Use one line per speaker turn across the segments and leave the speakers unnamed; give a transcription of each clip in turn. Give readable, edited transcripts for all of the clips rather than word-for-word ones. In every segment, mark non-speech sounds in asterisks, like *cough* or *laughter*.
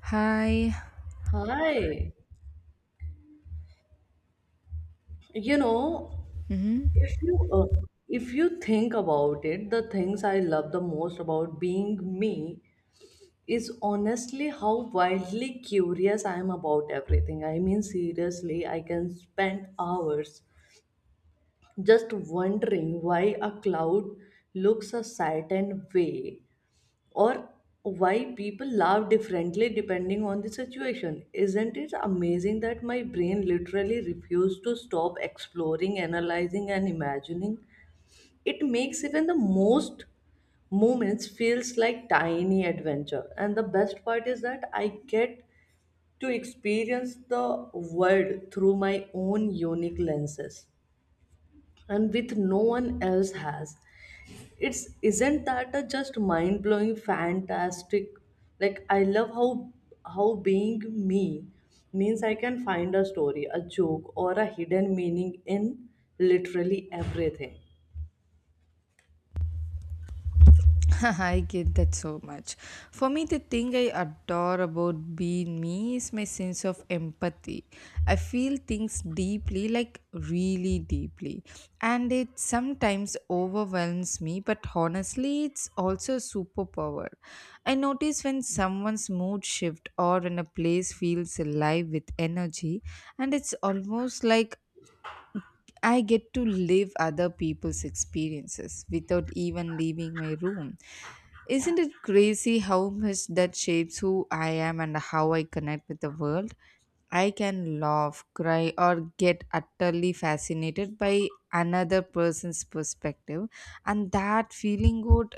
Hi.
Hi. You know,
hmm
if you if you think about it, the things I love the most about being me is honestly how wildly curious I am about everything. I mean, seriously, I can spend hours just wondering why a cloud looks a certain way, or why people laugh differently depending on the situation. Isn't it amazing that my brain literally refused to stop exploring, analyzing, and imagining? It makes even the most moments feels like tiny adventure, and the best part is that I get to experience the world through my own unique lenses and with no one else has it's isn't that a just mind blowing fantastic. Like I love how being me means I can find a story, a joke, or a hidden meaning in literally everything.
*laughs* I get that so much. For me, the thing I adore about being me is my sense of empathy. I feel things deeply, like really deeply. And it sometimes overwhelms me, but honestly, it's also a superpower. I notice when someone's mood shift or when a place feels alive with energy, and it's almost like I get to live other people's experiences without even leaving my room. Isn't it crazy how much that shapes who I am and how I connect with the world? I can laugh, cry, or get utterly fascinated by another person's perspective, and that feeling good.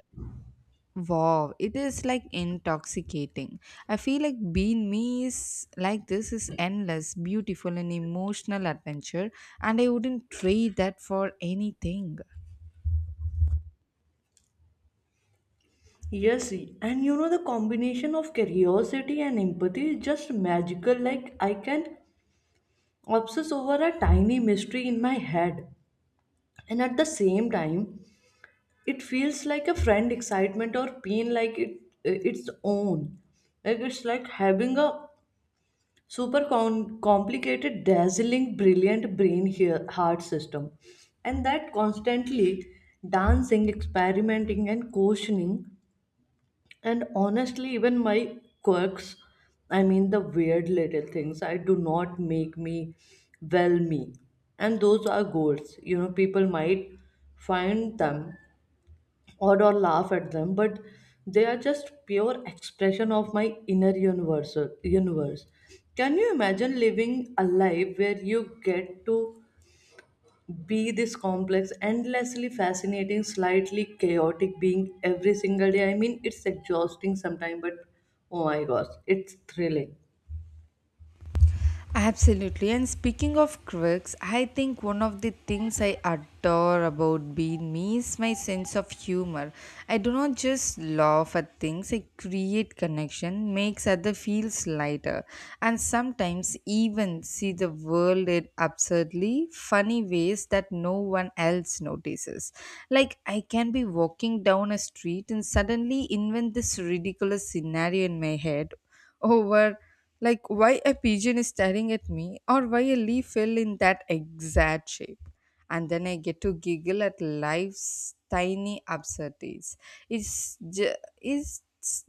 Wow, it is like intoxicating. I feel like Bean Me is like this is endless, beautiful, and emotional adventure, and I wouldn't trade that for anything.
Yes, and you know the combination of curiosity and empathy is just magical. Like I can obsess over a tiny mystery in my head, and at the same time it feels like a friend excitement or pain, like it its own. Like it's like having a complicated, dazzling, brilliant brain here heart system, and that constantly dancing, experimenting, and questioning. And honestly, even my quirks, I mean the weird little things I do not make me, well, me. And those are goals, you know, people might find them, or laugh at them, but they are just pure expression of my inner universe. Can you imagine living a life where you get to be this complex, endlessly fascinating, slightly chaotic being every single day? I mean, it's exhausting sometimes, but oh my gosh, it's thrilling.
Absolutely. And speaking of quirks, I think one of the things I adore about being me is my sense of humor. I do not just laugh at things, I create connection, makes other feels lighter, and sometimes even see the world in absurdly funny ways that no one else notices. Like I can be walking down a street and suddenly invent this ridiculous scenario in my head over, like why a pigeon is staring at me or why a leaf fell in that exact shape, and then I get to giggle at life's tiny absurdities. It's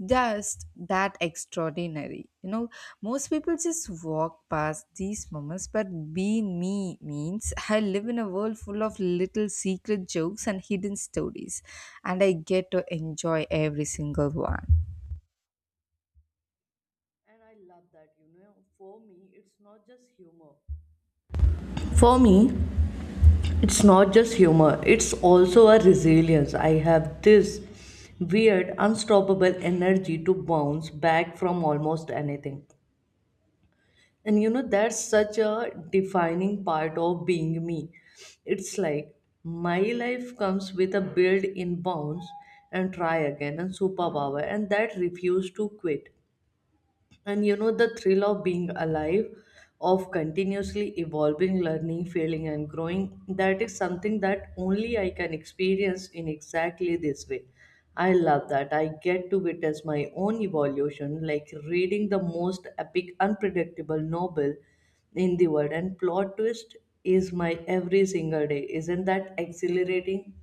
just that extraordinary, you know? Most people just walk past these moments, but being me means I live in a world full of little secret jokes and hidden stories, and I get to enjoy every single one.
And I love that. You know, for me it's not just humor, it's also a resilience. I have this weird, unstoppable energy to bounce back from almost anything. And you know, that's such a defining part of being me. It's like my life comes with a build in bounce and try again and superpower, and that refuse to quit. And you know, the thrill of being alive, of continuously evolving, learning, failing, and growing, that is something that only I can experience in exactly this way. I love that. I get to witness my own evolution, like reading the most epic, unpredictable novel in the world, and plot twist is my every single day. Isn't that exhilarating?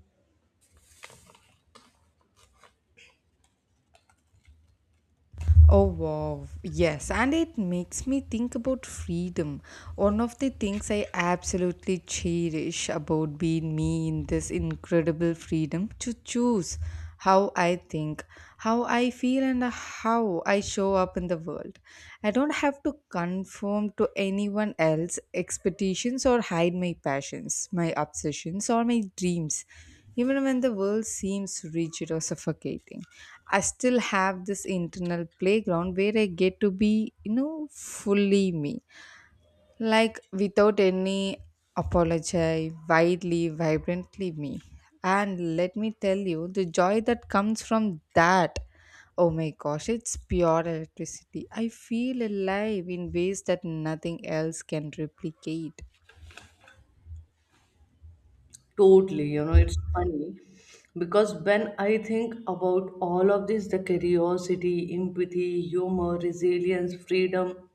Oh wow, yes, and it makes me think about freedom. One of the things I absolutely cherish about being me in this incredible freedom to choose how I think, how I feel, and how I show up in the world. I don't have to conform to anyone else's expectations or hide my passions, my obsessions, or my dreams. Even when the world seems rigid or suffocating, I still have this internal playground where I get to be, you know, fully me. Like without any apology, widely, vibrantly me. And let me tell you, the joy that comes from that. Oh my gosh, it's pure electricity. I feel alive in ways that nothing else can replicate.
Totally, you know, it's funny because when I think about all of this, the curiosity, empathy, humor, resilience, freedom,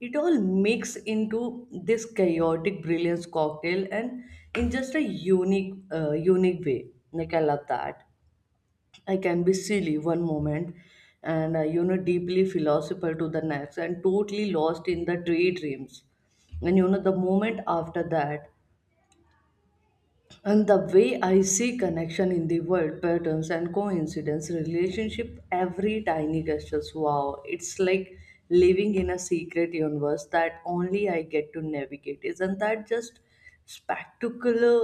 it all mix into this chaotic brilliance cocktail, and in just a unique way. Like I love that I can be silly one moment, and you know, deeply philosophical to the next, and totally lost in the daydreams. And you know, the moment after that, and the way I see connection in the world, patterns and coincidence, relationship, every tiny gestures, wow, it's like living in a secret universe that only I get to navigate. Isn't that just spectacular?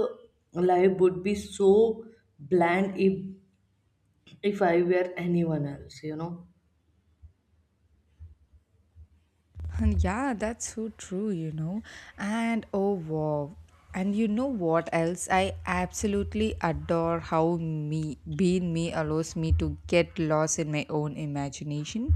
Life would be so bland if I were anyone else, you know.
And yeah, that's so true, you know. And oh wow. And you know what else? I absolutely adore how me being me allows me to get lost in my own imagination.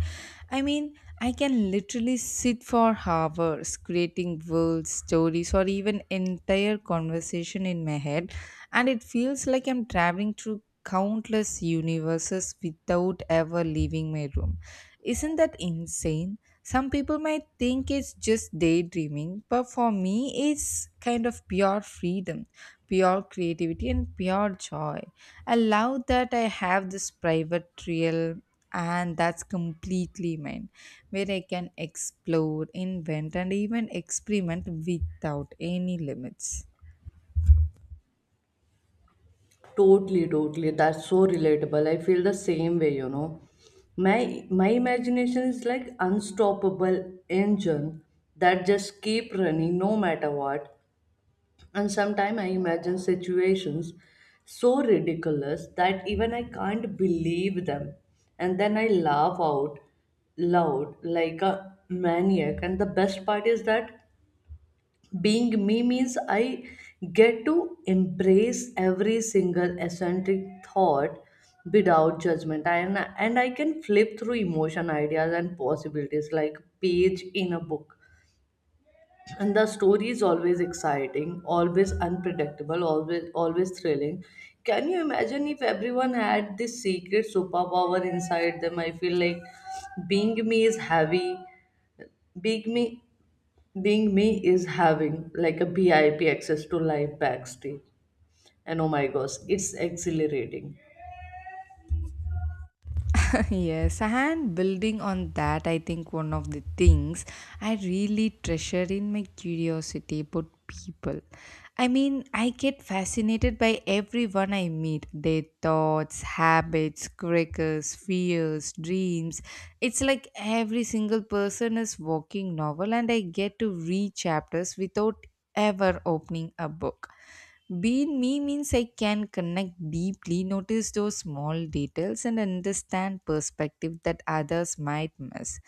I mean, I can literally sit for hours creating worlds, stories, or even entire conversation in my head, and it feels like I'm traveling through countless universes without ever leaving my room. Isn't that insane? Some people might think it's just daydreaming, but for me, it's kind of pure freedom, pure creativity, and pure joy. I love that I have this private trail, and that's completely mine, where I can explore, invent, and even experiment without any limits.
Totally, totally. That's so relatable. I feel the same way, you know. My imagination is like unstoppable engine that just keep running no matter what. And sometimes I imagine situations so ridiculous that even I can't believe them. And then I laugh out loud like a maniac. And the best part is that being me means I get to embrace every single eccentric thought without judgment. And I can flip through emotion, ideas, and possibilities like page in a book, and the story is always exciting, always unpredictable, always always thrilling. Can you imagine if everyone had this secret superpower inside them? I feel like being me is heavy being me being me is having like a VIP access to live backstage. And oh my gosh, it's exhilarating.
*laughs* Yes, and building on that, I think one of the things I really treasure in my curiosity about people. I mean, I get fascinated by everyone I meet, their thoughts, habits, quirks, fears, dreams. It's like every single person is walking novel, and I get to read chapters without ever opening a book. Being me means I can connect deeply, notice those small details, and understand perspective that others might miss.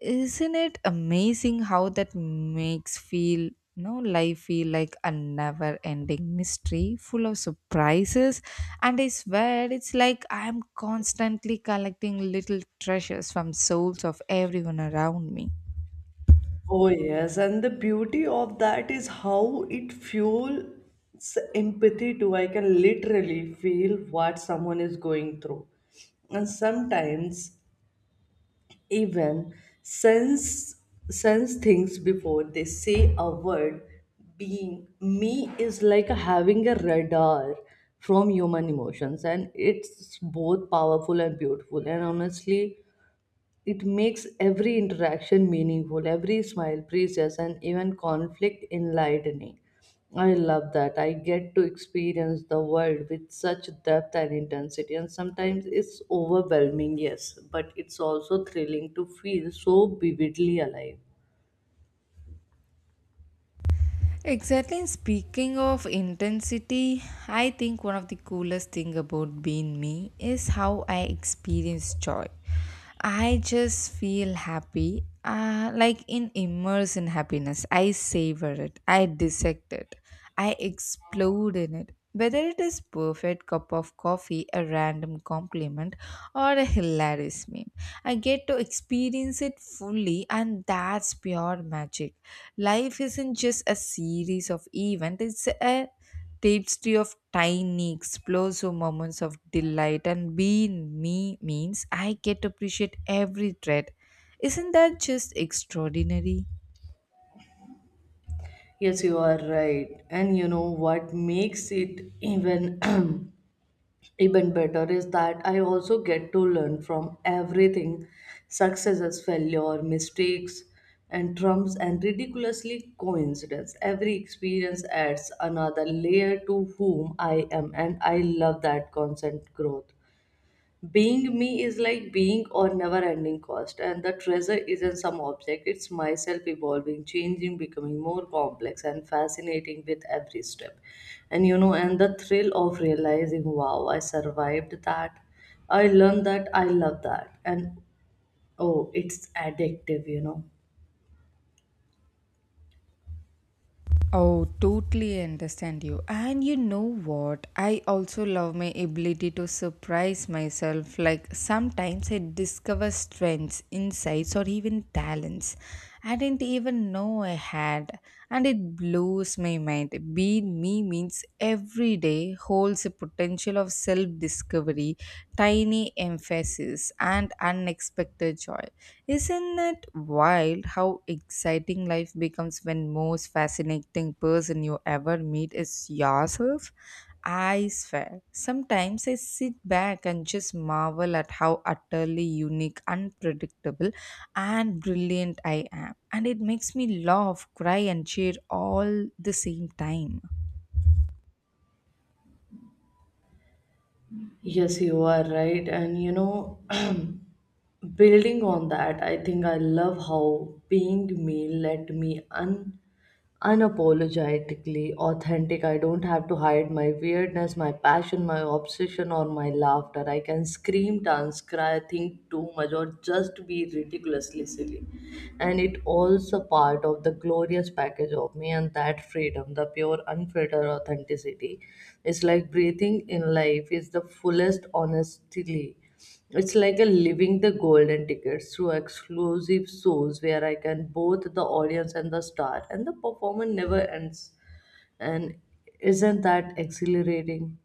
Isn't it amazing how that makes feel, you know, life feel like a never ending mystery full of surprises, and I swear it's like I am constantly collecting little treasures from souls of everyone around me.
Oh yes, and the beauty of that is how it fuels empathy too. I can literally feel what someone is going through. And sometimes even sense sense things before they say a word. Being me is like having a radar from human emotions, and it's both powerful and beautiful. And honestly, it makes every interaction meaningful, every smile precious, and even conflict enlightening. I love that. I get to experience the world with such depth and intensity, and sometimes it's overwhelming, yes, but it's also thrilling to feel so vividly alive.
Exactly. And speaking of intensity, I think one of the coolest thing about being me is how I experience joy. I just feel happy, like in immerse in happiness. I savor it. I dissect it. I explode in it. Whether it is perfect cup of coffee, a random compliment, or a hilarious meme, I get to experience it fully, and that's pure magic. Life isn't just a series of events; it's a tapestry of tiny, explosive moments of delight. And being me means I get to appreciate every thread. Isn't that just extraordinary?
Yes, you are right. And you know what makes it even *clears throat* even better is that I also get to learn from everything, successes, failure, mistakes, and trumps, and ridiculously coincidence. Every experience adds another layer to whom I am, and I love that constant growth. Being me is like being or never ending cost, and the treasure isn't some object, it's myself evolving, changing, becoming more complex and fascinating with every step. And you know, and the thrill of realizing, wow, I survived that, I learned that, I love that, and oh, it's addictive, you know.
Oh, totally understand you. And you know what? I also love my ability to surprise myself. Like sometimes I discover strengths, insights, or even talents I didn't even know I had. And it blows my mind. Being me means every day holds a potential of self discovery, tiny emphasis, and unexpected joy. Isn't it wild how exciting life becomes when most fascinating person you ever meet is yourself? I swear. Sometimes I sit back and just marvel at how utterly unique, unpredictable, and brilliant I am. And it makes me laugh, cry, and cheer all the same time.
Yes, you are right. And you know, *clears throat* building on that, I think I love how being me let me un unapologetically authentic. I don't have to hide my weirdness, my passion, my obsession, or my laughter. I can scream, dance, cry, think too much, or just be ridiculously silly. And it all's a part of the glorious package of me, and that freedom, the pure, unfiltered authenticity. It's like breathing in life is the fullest, honestly. It's like a living the golden tickets through exclusive shows where I can both the audience and the star, and the performance never ends. And isn't that exhilarating?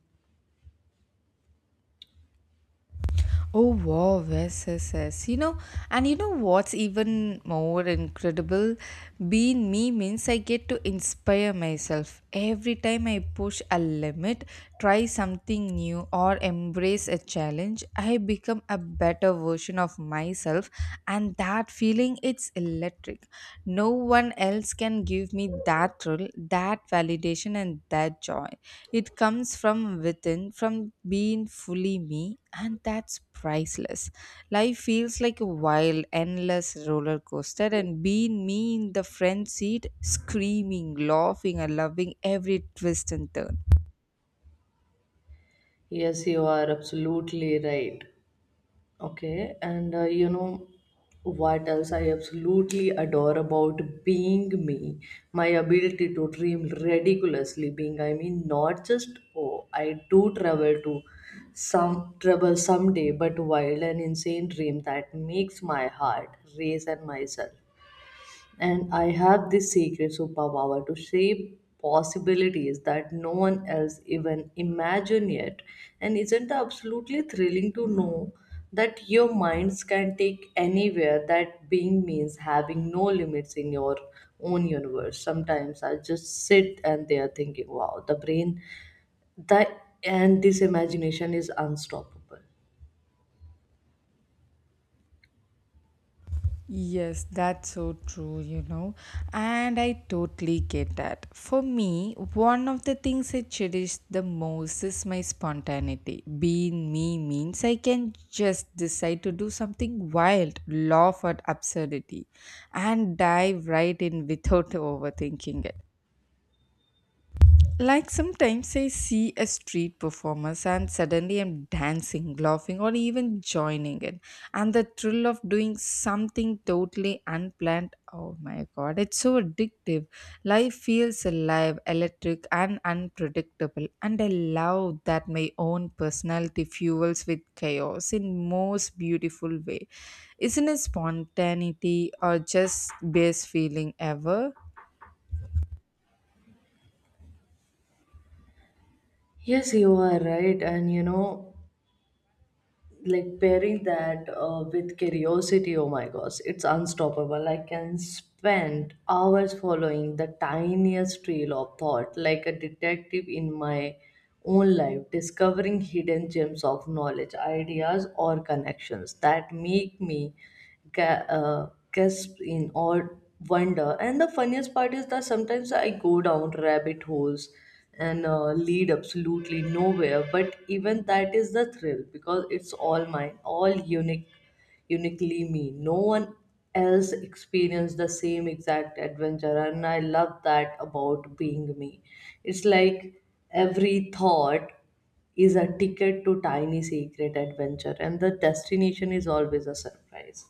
Oh wow, yes, yes, yes. You know, and you know what's even more incredible? Being me means I get to inspire myself. Every time I push a limit, try something new, or embrace a challenge, I become a better version of myself, and that feeling, it's electric. No one else can give me that thrill, that validation, and that joy. It comes from within, from being fully me, and that's priceless. Life feels like a wild, endless roller coaster, and being me in the front seat, screaming, laughing, and loving every twist and turn.
Yes, you are absolutely right. Okay, and you know what else I absolutely adore about being me? My ability to dream ridiculously being. I mean, not just oh, I do travel to some trouble someday, but wild and insane dream that makes my heart race and myself. And I have this secret superpower to shape possibilities that no one else even imagine yet. And isn't it absolutely thrilling to know that your minds can take anywhere, that being means having no limits in your own universe? Sometimes I just sit and they are thinking, wow, the brain that and this imagination is unstoppable.
Yes, that's so true, you know, and I totally get that. For me, one of the things I cherish the most is my spontaneity. Being me means I can just decide to do something wild, laugh at absurdity, and dive right in without *laughs* overthinking it. Like sometimes I see a street performance and suddenly I'm dancing, laughing, or even joining in. And the thrill of doing something totally unplanned, oh my god, it's so addictive. Life feels alive, electric, and unpredictable. And I love that my own personality fuels with chaos in most beautiful way. Isn't it spontaneity or just best feeling ever?
Yes, you are right. And you know, like pairing that with curiosity, oh my gosh, it's unstoppable. I can spend hours following the tiniest trail of thought, like a detective in my own life, discovering hidden gems of knowledge, ideas, or connections that make me gasp in awe, wonder. And the funniest part is that sometimes I go down rabbit holes and lead absolutely nowhere. But even that is the thrill because it's all mine, all unique, uniquely me. No one else experienced the same exact adventure, and I love that about being me. It's like every thought is a ticket to tiny secret adventure, and the destination is always a surprise.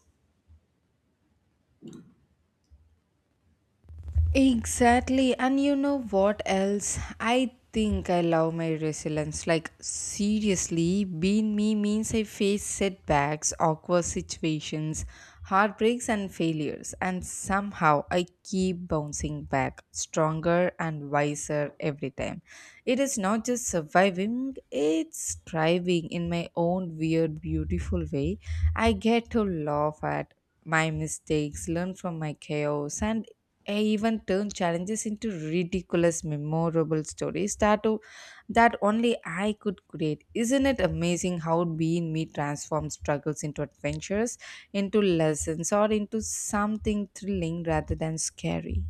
Exactly. And you know what else? I think I love my resilience. Like, seriously, being me means I face setbacks, awkward situations, heartbreaks, and failures. And somehow I keep bouncing back, stronger and wiser every time. It is not just surviving, it's thriving in my own weird, beautiful way. I get to laugh at my mistakes, learn from my chaos, and I even turn challenges into ridiculous, memorable stories that only I could create. Isn't it amazing how being me transforms struggles into adventures, into lessons, or into something thrilling rather than scary?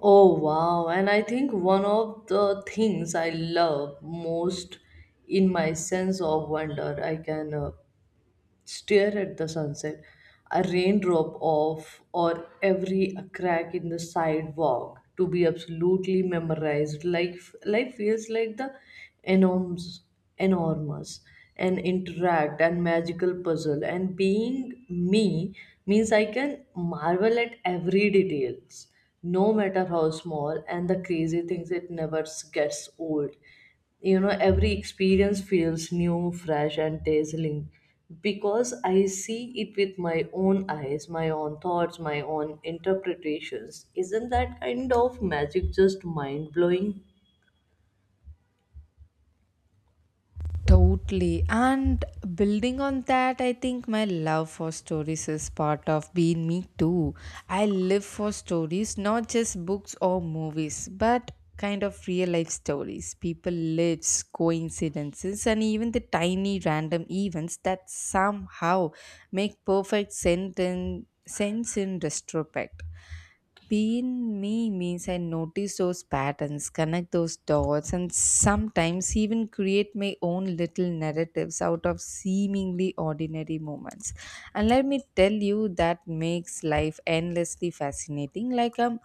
Oh wow, and I think one of the things I love most in my sense of wonder. I can stare at the sunset, a raindrop off, or every crack in the sidewalk to be absolutely memorized. Life feels like the enormous, enormous and interact and magical puzzle, and being me means I can marvel at every details no matter how small. And the crazy things, it never gets old, you know. Every experience feels new, fresh, and dazzling, because I see it with my own eyes, my own thoughts, my own interpretations. Isn't that kind of magic just mind blowing?
Totally. And building on that, I think my love for stories is part of being me too. I live for stories, not just books or movies, but kind of real life stories, people lives, coincidences, and even the tiny random events that somehow make perfect sense sense in retrospect. Being me means I notice those patterns, connect those dots, and sometimes even create my own little narratives out of seemingly ordinary moments. And let me tell you, that makes life endlessly fascinating. Like I'm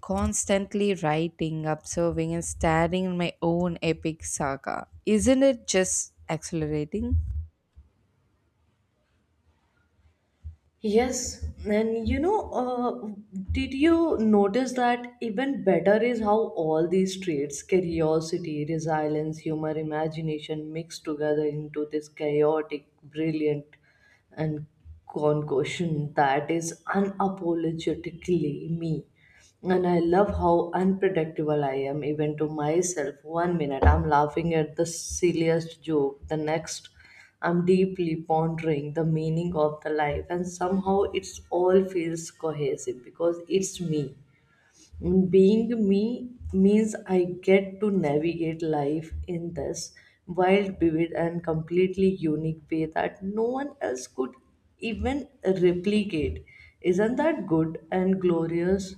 constantly writing, observing, and staring in my own epic saga. Isn't it just accelerating?
Yes, and you know, did you notice that even better is how all these traits, curiosity, resilience, humor, imagination, mix together into this chaotic, brilliant, and concussion that is unapologetically me. And I love how unpredictable I am, even to myself. One minute I'm laughing at the silliest joke, the next. I'm deeply pondering the meaning of the life, and somehow it's all feels cohesive because it's me. Being me means I get to navigate life in this wild, vivid, and completely unique way that no one else could even replicate. Isn't that good and glorious?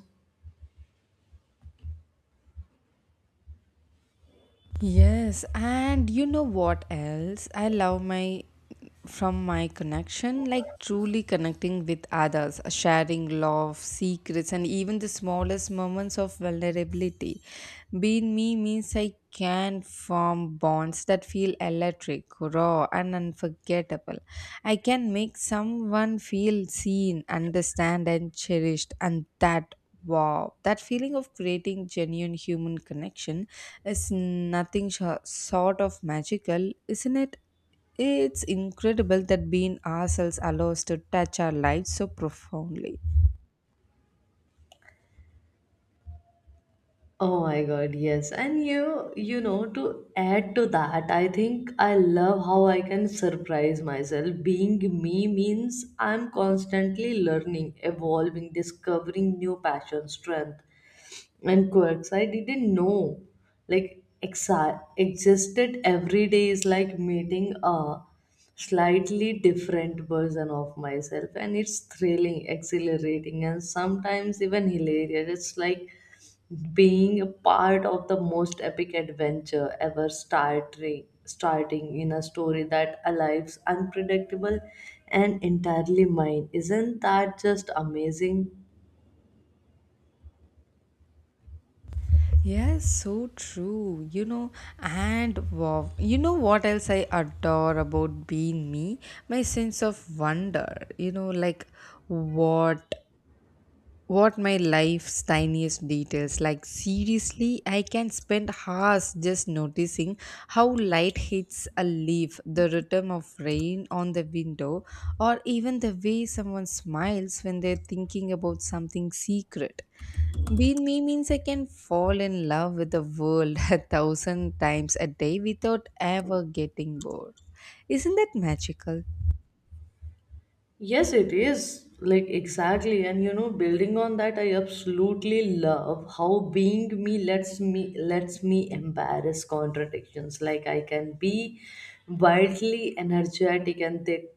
Yes, and you know what else? I love my from my connection, like truly connecting with others, sharing love, secrets, and even the smallest moments of vulnerability. Being me means I can form bonds that feel electric, raw, and unforgettable. I can make someone feel seen, understand, and cherished, and that, wow, that feeling of creating genuine human connection, it's nothing sho sort of magical, isn't it? It's incredible that being ourselves allows to touch our lives so profoundly.
Oh my God, yes. And you know, to add to that, I think I love how I can surprise myself. Being me means I'm constantly learning, evolving, discovering new passion, strength, and quirks I didn't know. Like, existed every day is like meeting a slightly different version of myself, and it's thrilling, exhilarating, and sometimes even hilarious. It's like being a part of the most epic adventure ever, starting in a story that alive's unpredictable and entirely mine. Isn't that just amazing?
Yes, so true. You know, and wow, you know what else I adore about being me? My sense of wonder. You know, like what what my life's tiniest details. Like, seriously, I can spend hours just noticing how light hits a leaf, the rhythm of rain on the window, or even the way someone smiles when they're thinking about something secret. Being me means I can fall in love with the world *laughs* a thousand times a day without ever getting bored. Isn't that magical?
Yes, it is. Like, exactly. And you know, building on that, I absolutely love how being me lets me embarrass contradictions. Like I can be wildly energetic and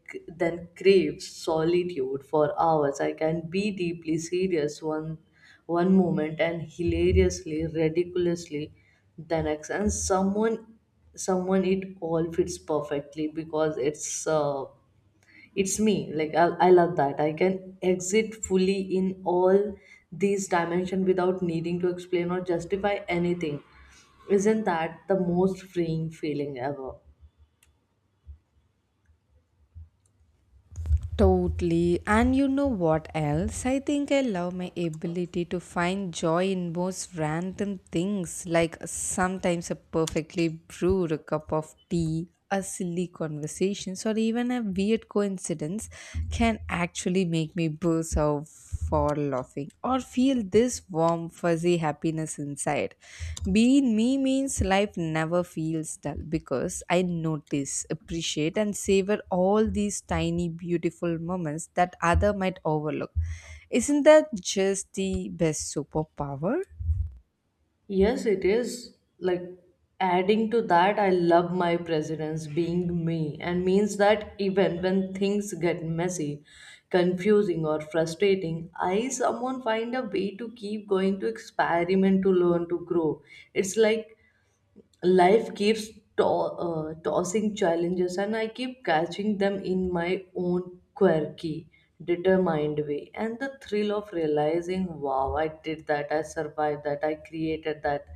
then crave solitude for hours. I can be deeply serious one moment and hilariously, ridiculously the next. And someone it all fits perfectly because it's it's me. Like I love that I can exit fully in all these dimensions without needing to explain or justify anything. Isn't that the most freeing feeling ever?
Totally. And you know what else? I think I love my ability to find joy in most random things, like sometimes a perfectly brewed cup of tea, a silly conversation, or even a weird coincidence can actually make me burst out for laughing or feel this warm, fuzzy happiness inside. Being me means life never feels dull because I notice, appreciate, and savor all these tiny, beautiful moments that other might overlook. Isn't that just the best superpower?
Yes, it is. Like, adding to that, I love my presence. Being me and means that even when things get messy, confusing, or frustrating, I someone find a way to keep going, to experiment, to learn, to grow. It's like life keeps to- tossing challenges and I keep catching them in my own quirky, determined way. And the thrill of realizing, wow, I did that, I survived that, I created that.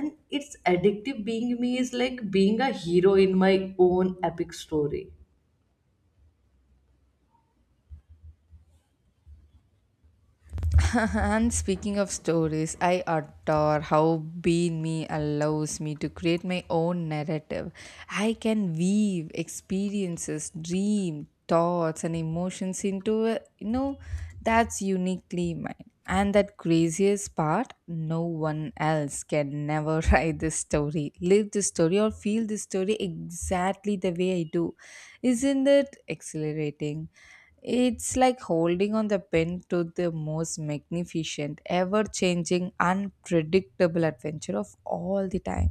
And it's addictive. Being me is like being a hero in my own epic story.
*laughs* And speaking of stories, I adore how Being Me allows me to create my own narrative. I can weave experiences, dream, thoughts, and emotions into a, you know, that's uniquely mine. And that craziest part, no one else can never *laughs* write this story, live this story, or feel this story exactly the way I do. Isn't it exhilarating? It's like holding on the pen to the most magnificent, ever changing, unpredictable adventure of all the time.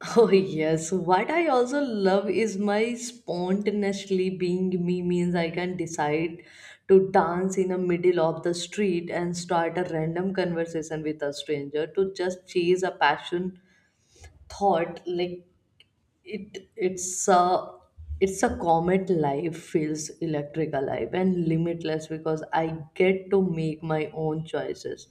*laughs* Oh yes, what I also love is my spontaneously being me means I can decide to dance in the middle of the street and start a random conversation with a stranger, to just chase a passion thought. Like it's a it's a comet. Life feels electric, alive, and limitless because I get to make my own choices,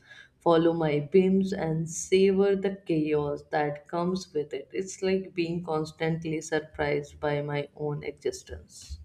follow my beams, and savor the chaos that comes with it. It's like being constantly surprised by my own existence.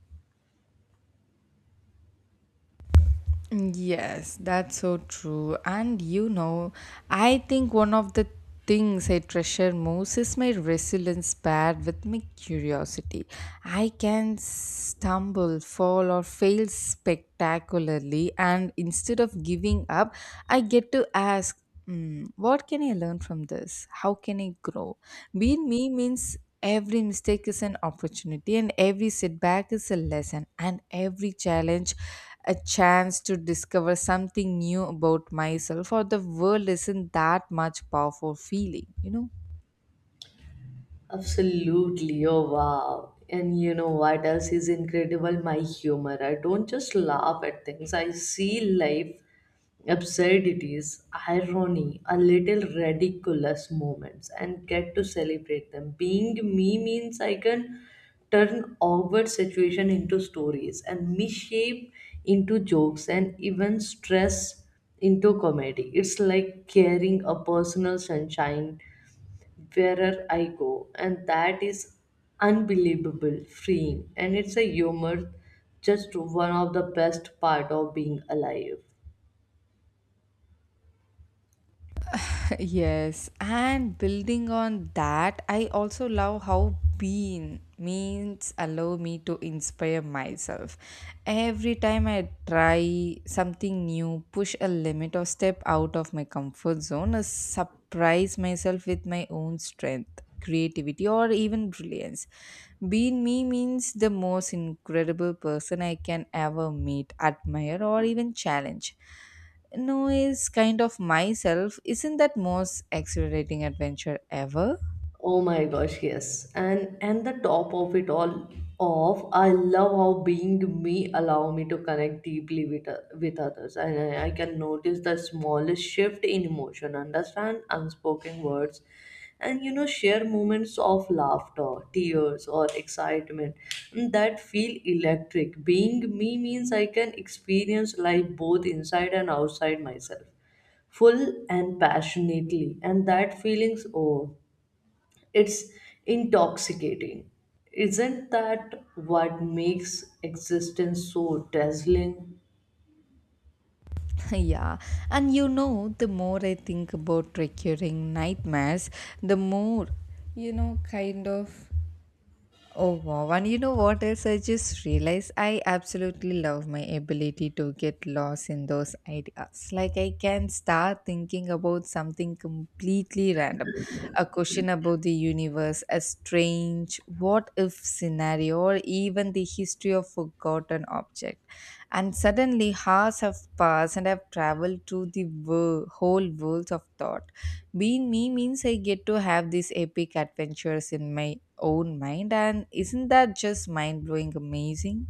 Yes, that's so true. And you know, I think one of the things I treasure most is my resilience paired with my curiosity. I can stumble, fall, or fail spectacularly, and instead of giving up, I get to ask. Mm, what can I learn from this? How can I grow? Being me means every mistake is an opportunity, and every setback is a lesson, and every challenge a chance to discover something new about myself or the world. Isn't that much powerful feeling, you know?
Absolutely. Oh, wow. And you know what else is incredible? My humor. I don't just laugh at things, I see life absurdities, irony, a little ridiculous moments, and get to celebrate them. Being me means I can turn awkward situation into stories, and misshape into jokes, and even stress into comedy. It's like carrying a personal sunshine wherever I go, and that is unbelievable, freeing, and it's a humor just one of the best part of being alive.
*laughs* Yes, and building on that, I also love how being means allow me to inspire myself. Every time I try something new, push a limit or step out of my comfort zone, I surprise myself with my own strength, creativity or even brilliance. Being me means the most incredible person I can ever meet, admire or even challenge no is kind of myself. Isn't that most exhilarating adventure ever?
Oh my gosh, yes. And the top of it all off, I love how being me allow me to connect deeply with with others. And I can notice the smallest shift in emotion, understand unspoken words, and you know share moments of laughter, tears, or excitement that feel electric. Being me means I can experience life both inside and outside myself, full and passionately, and that feelings, oh, it's intoxicating. Isn't that what makes existence so dazzling?
*laughs* yeah, and you know, the more I think about recurring nightmares, the more, you know, kind of oh wow. And you know what else I just realized? I absolutely love my ability to get lost in those ideas. Like I can start thinking about something completely random. A question about the universe, a strange what if scenario, or even the history of forgotten object. And suddenly hours have passed and I've traveled through the whole world of thought. Being me means I get to have these epic adventures in my own mind, and isn't that just mind blowing amazing?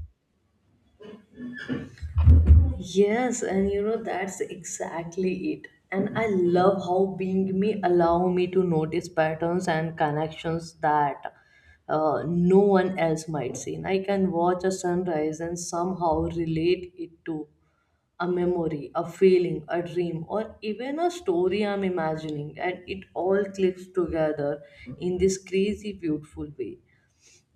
Yes, and you know that's exactly it. And I love how being me allow me to notice patterns and connections that no one else might see. And I can watch a sunrise and somehow relate it to a memory, a feeling, a dream, or even a story I'm imagining, and it all clicks together in this crazy, beautiful way.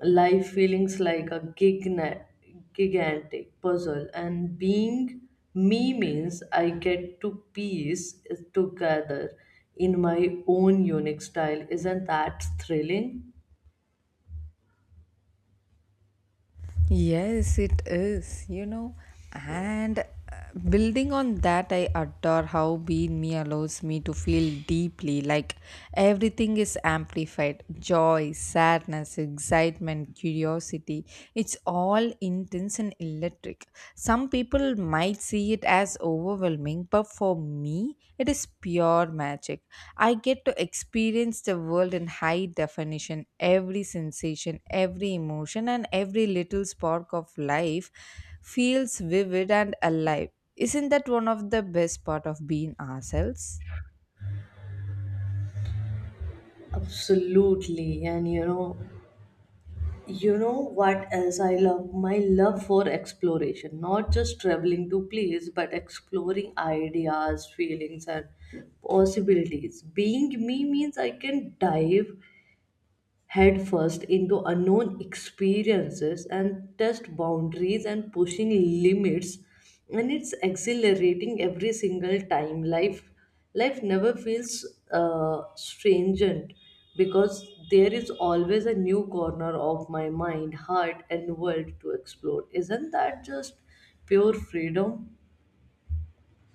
Life feelings like a gigantic puzzle, and being me means I get to piece it together in my own unique style. Isn't that thrilling?
Yes, it is, you know. And building on that, I adore how being me allows me to feel deeply like everything is amplified joy, sadness, excitement, curiosity. It's all intense and electric. Some people might see it as overwhelming, but for me, it is pure magic. I get to experience the world in high definition, every sensation, every emotion, and every little spark of life feels vivid and alive. Isn't that one of the best part of being ourselves?
Absolutely, and you know, you know what else I love? My love for exploration. Not just traveling to place, but exploring ideas, feelings, and possibilities. Being me means I can dive headfirst into unknown experiences, and test boundaries, and pushing limits, and it's exhilarating every single time. Life never feels stringent because there is always a new corner of my mind, heart, and world to explore. Isn't that just pure freedom?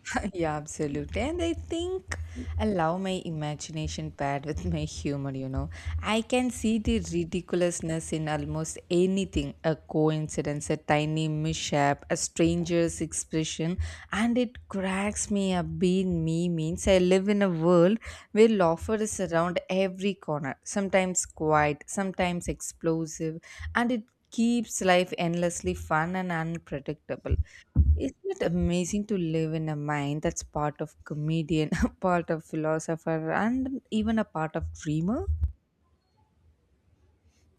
*laughs* Yeah, absolutely. And I think allow my imagination paired with my humor, you know. I can see the ridiculousness in almost anything, a coincidence, a tiny mishap, a stranger's expression, and it cracks me up. Being me means I live in a world where laughter is around every corner, sometimes quiet, sometimes explosive, and it keeps life endlessly fun and unpredictable. Isn't it amazing to live in a mind that's part of comedian, *laughs* part of philosopher, and even a part of dreamer?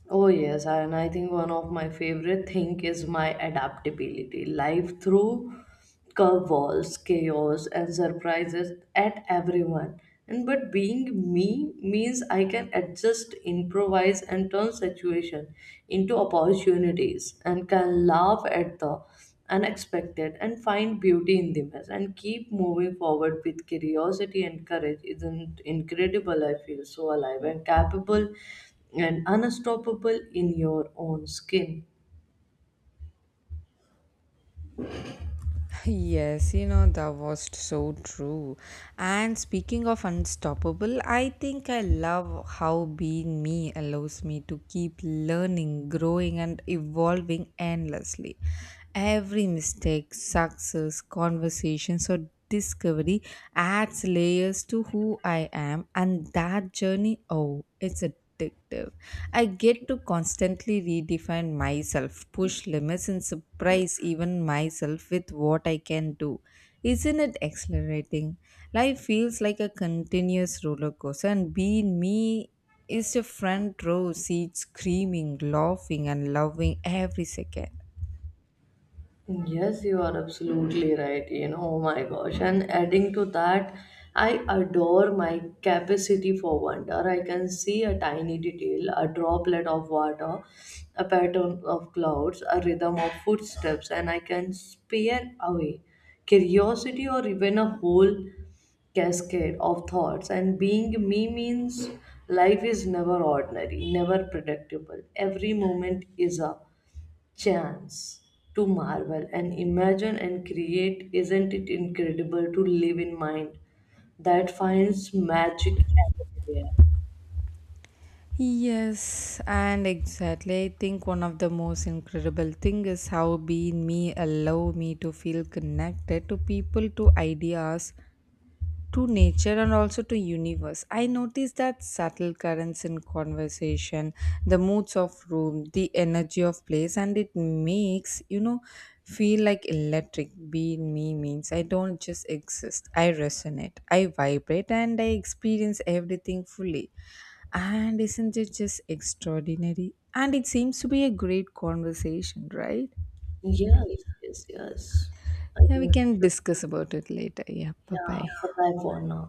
Oh yes, and I think one of my favorite thing is my adaptability. Life through curveballs, chaos, and surprises at everyone. And but being me means I can adjust, improvise, and turn situation into opportunities, and can laugh at the unexpected, and find beauty in the mess, and keep moving forward with curiosity and courage. Isn't incredible? I feel so alive and capable and unstoppable in your own skin.
Yes, you know, that was so true. And speaking of unstoppable, I think I love how being me allows me to keep learning, growing, and evolving endlessly. Every mistake, success, conversations, or discovery adds layers to who I am, and that journey, oh, it's addictive. I get to constantly redefine myself, push limits, and surprise even myself with what I can do. Isn't it exhilarating? Life feels like a continuous roller coaster, and being me is the front row seat screaming, laughing, and loving every second.
Yes, you are absolutely right. You know, oh my gosh. And adding to that, I adore my capacity for wonder. I can see a tiny detail, a droplet of water, a pattern of clouds, a rhythm of footsteps, and I can spear away curiosity or even a whole cascade of thoughts. And being me means life is never ordinary, never predictable. Every moment is a chance to marvel and imagine and create. Isn't it incredible to live in mind that finds magic everywhere?
Yes, and exactly. I think one of the most incredible thing is how being me allow me to feel connected to people, to ideas, to nature and also to universe. I notice that subtle currents in conversation, the moods of room, the energy of place, and it makes, you know, feel like electric. Being me means I don't just exist, I resonate, I vibrate, and I experience everything fully. And isn't it just extraordinary? And it seems to be a great conversation, right?
Yes, yes, yes. I think
Yeah, we
we
can
should,
discuss about it later. Yeah, bye
yeah, bye
bye.
bye for now.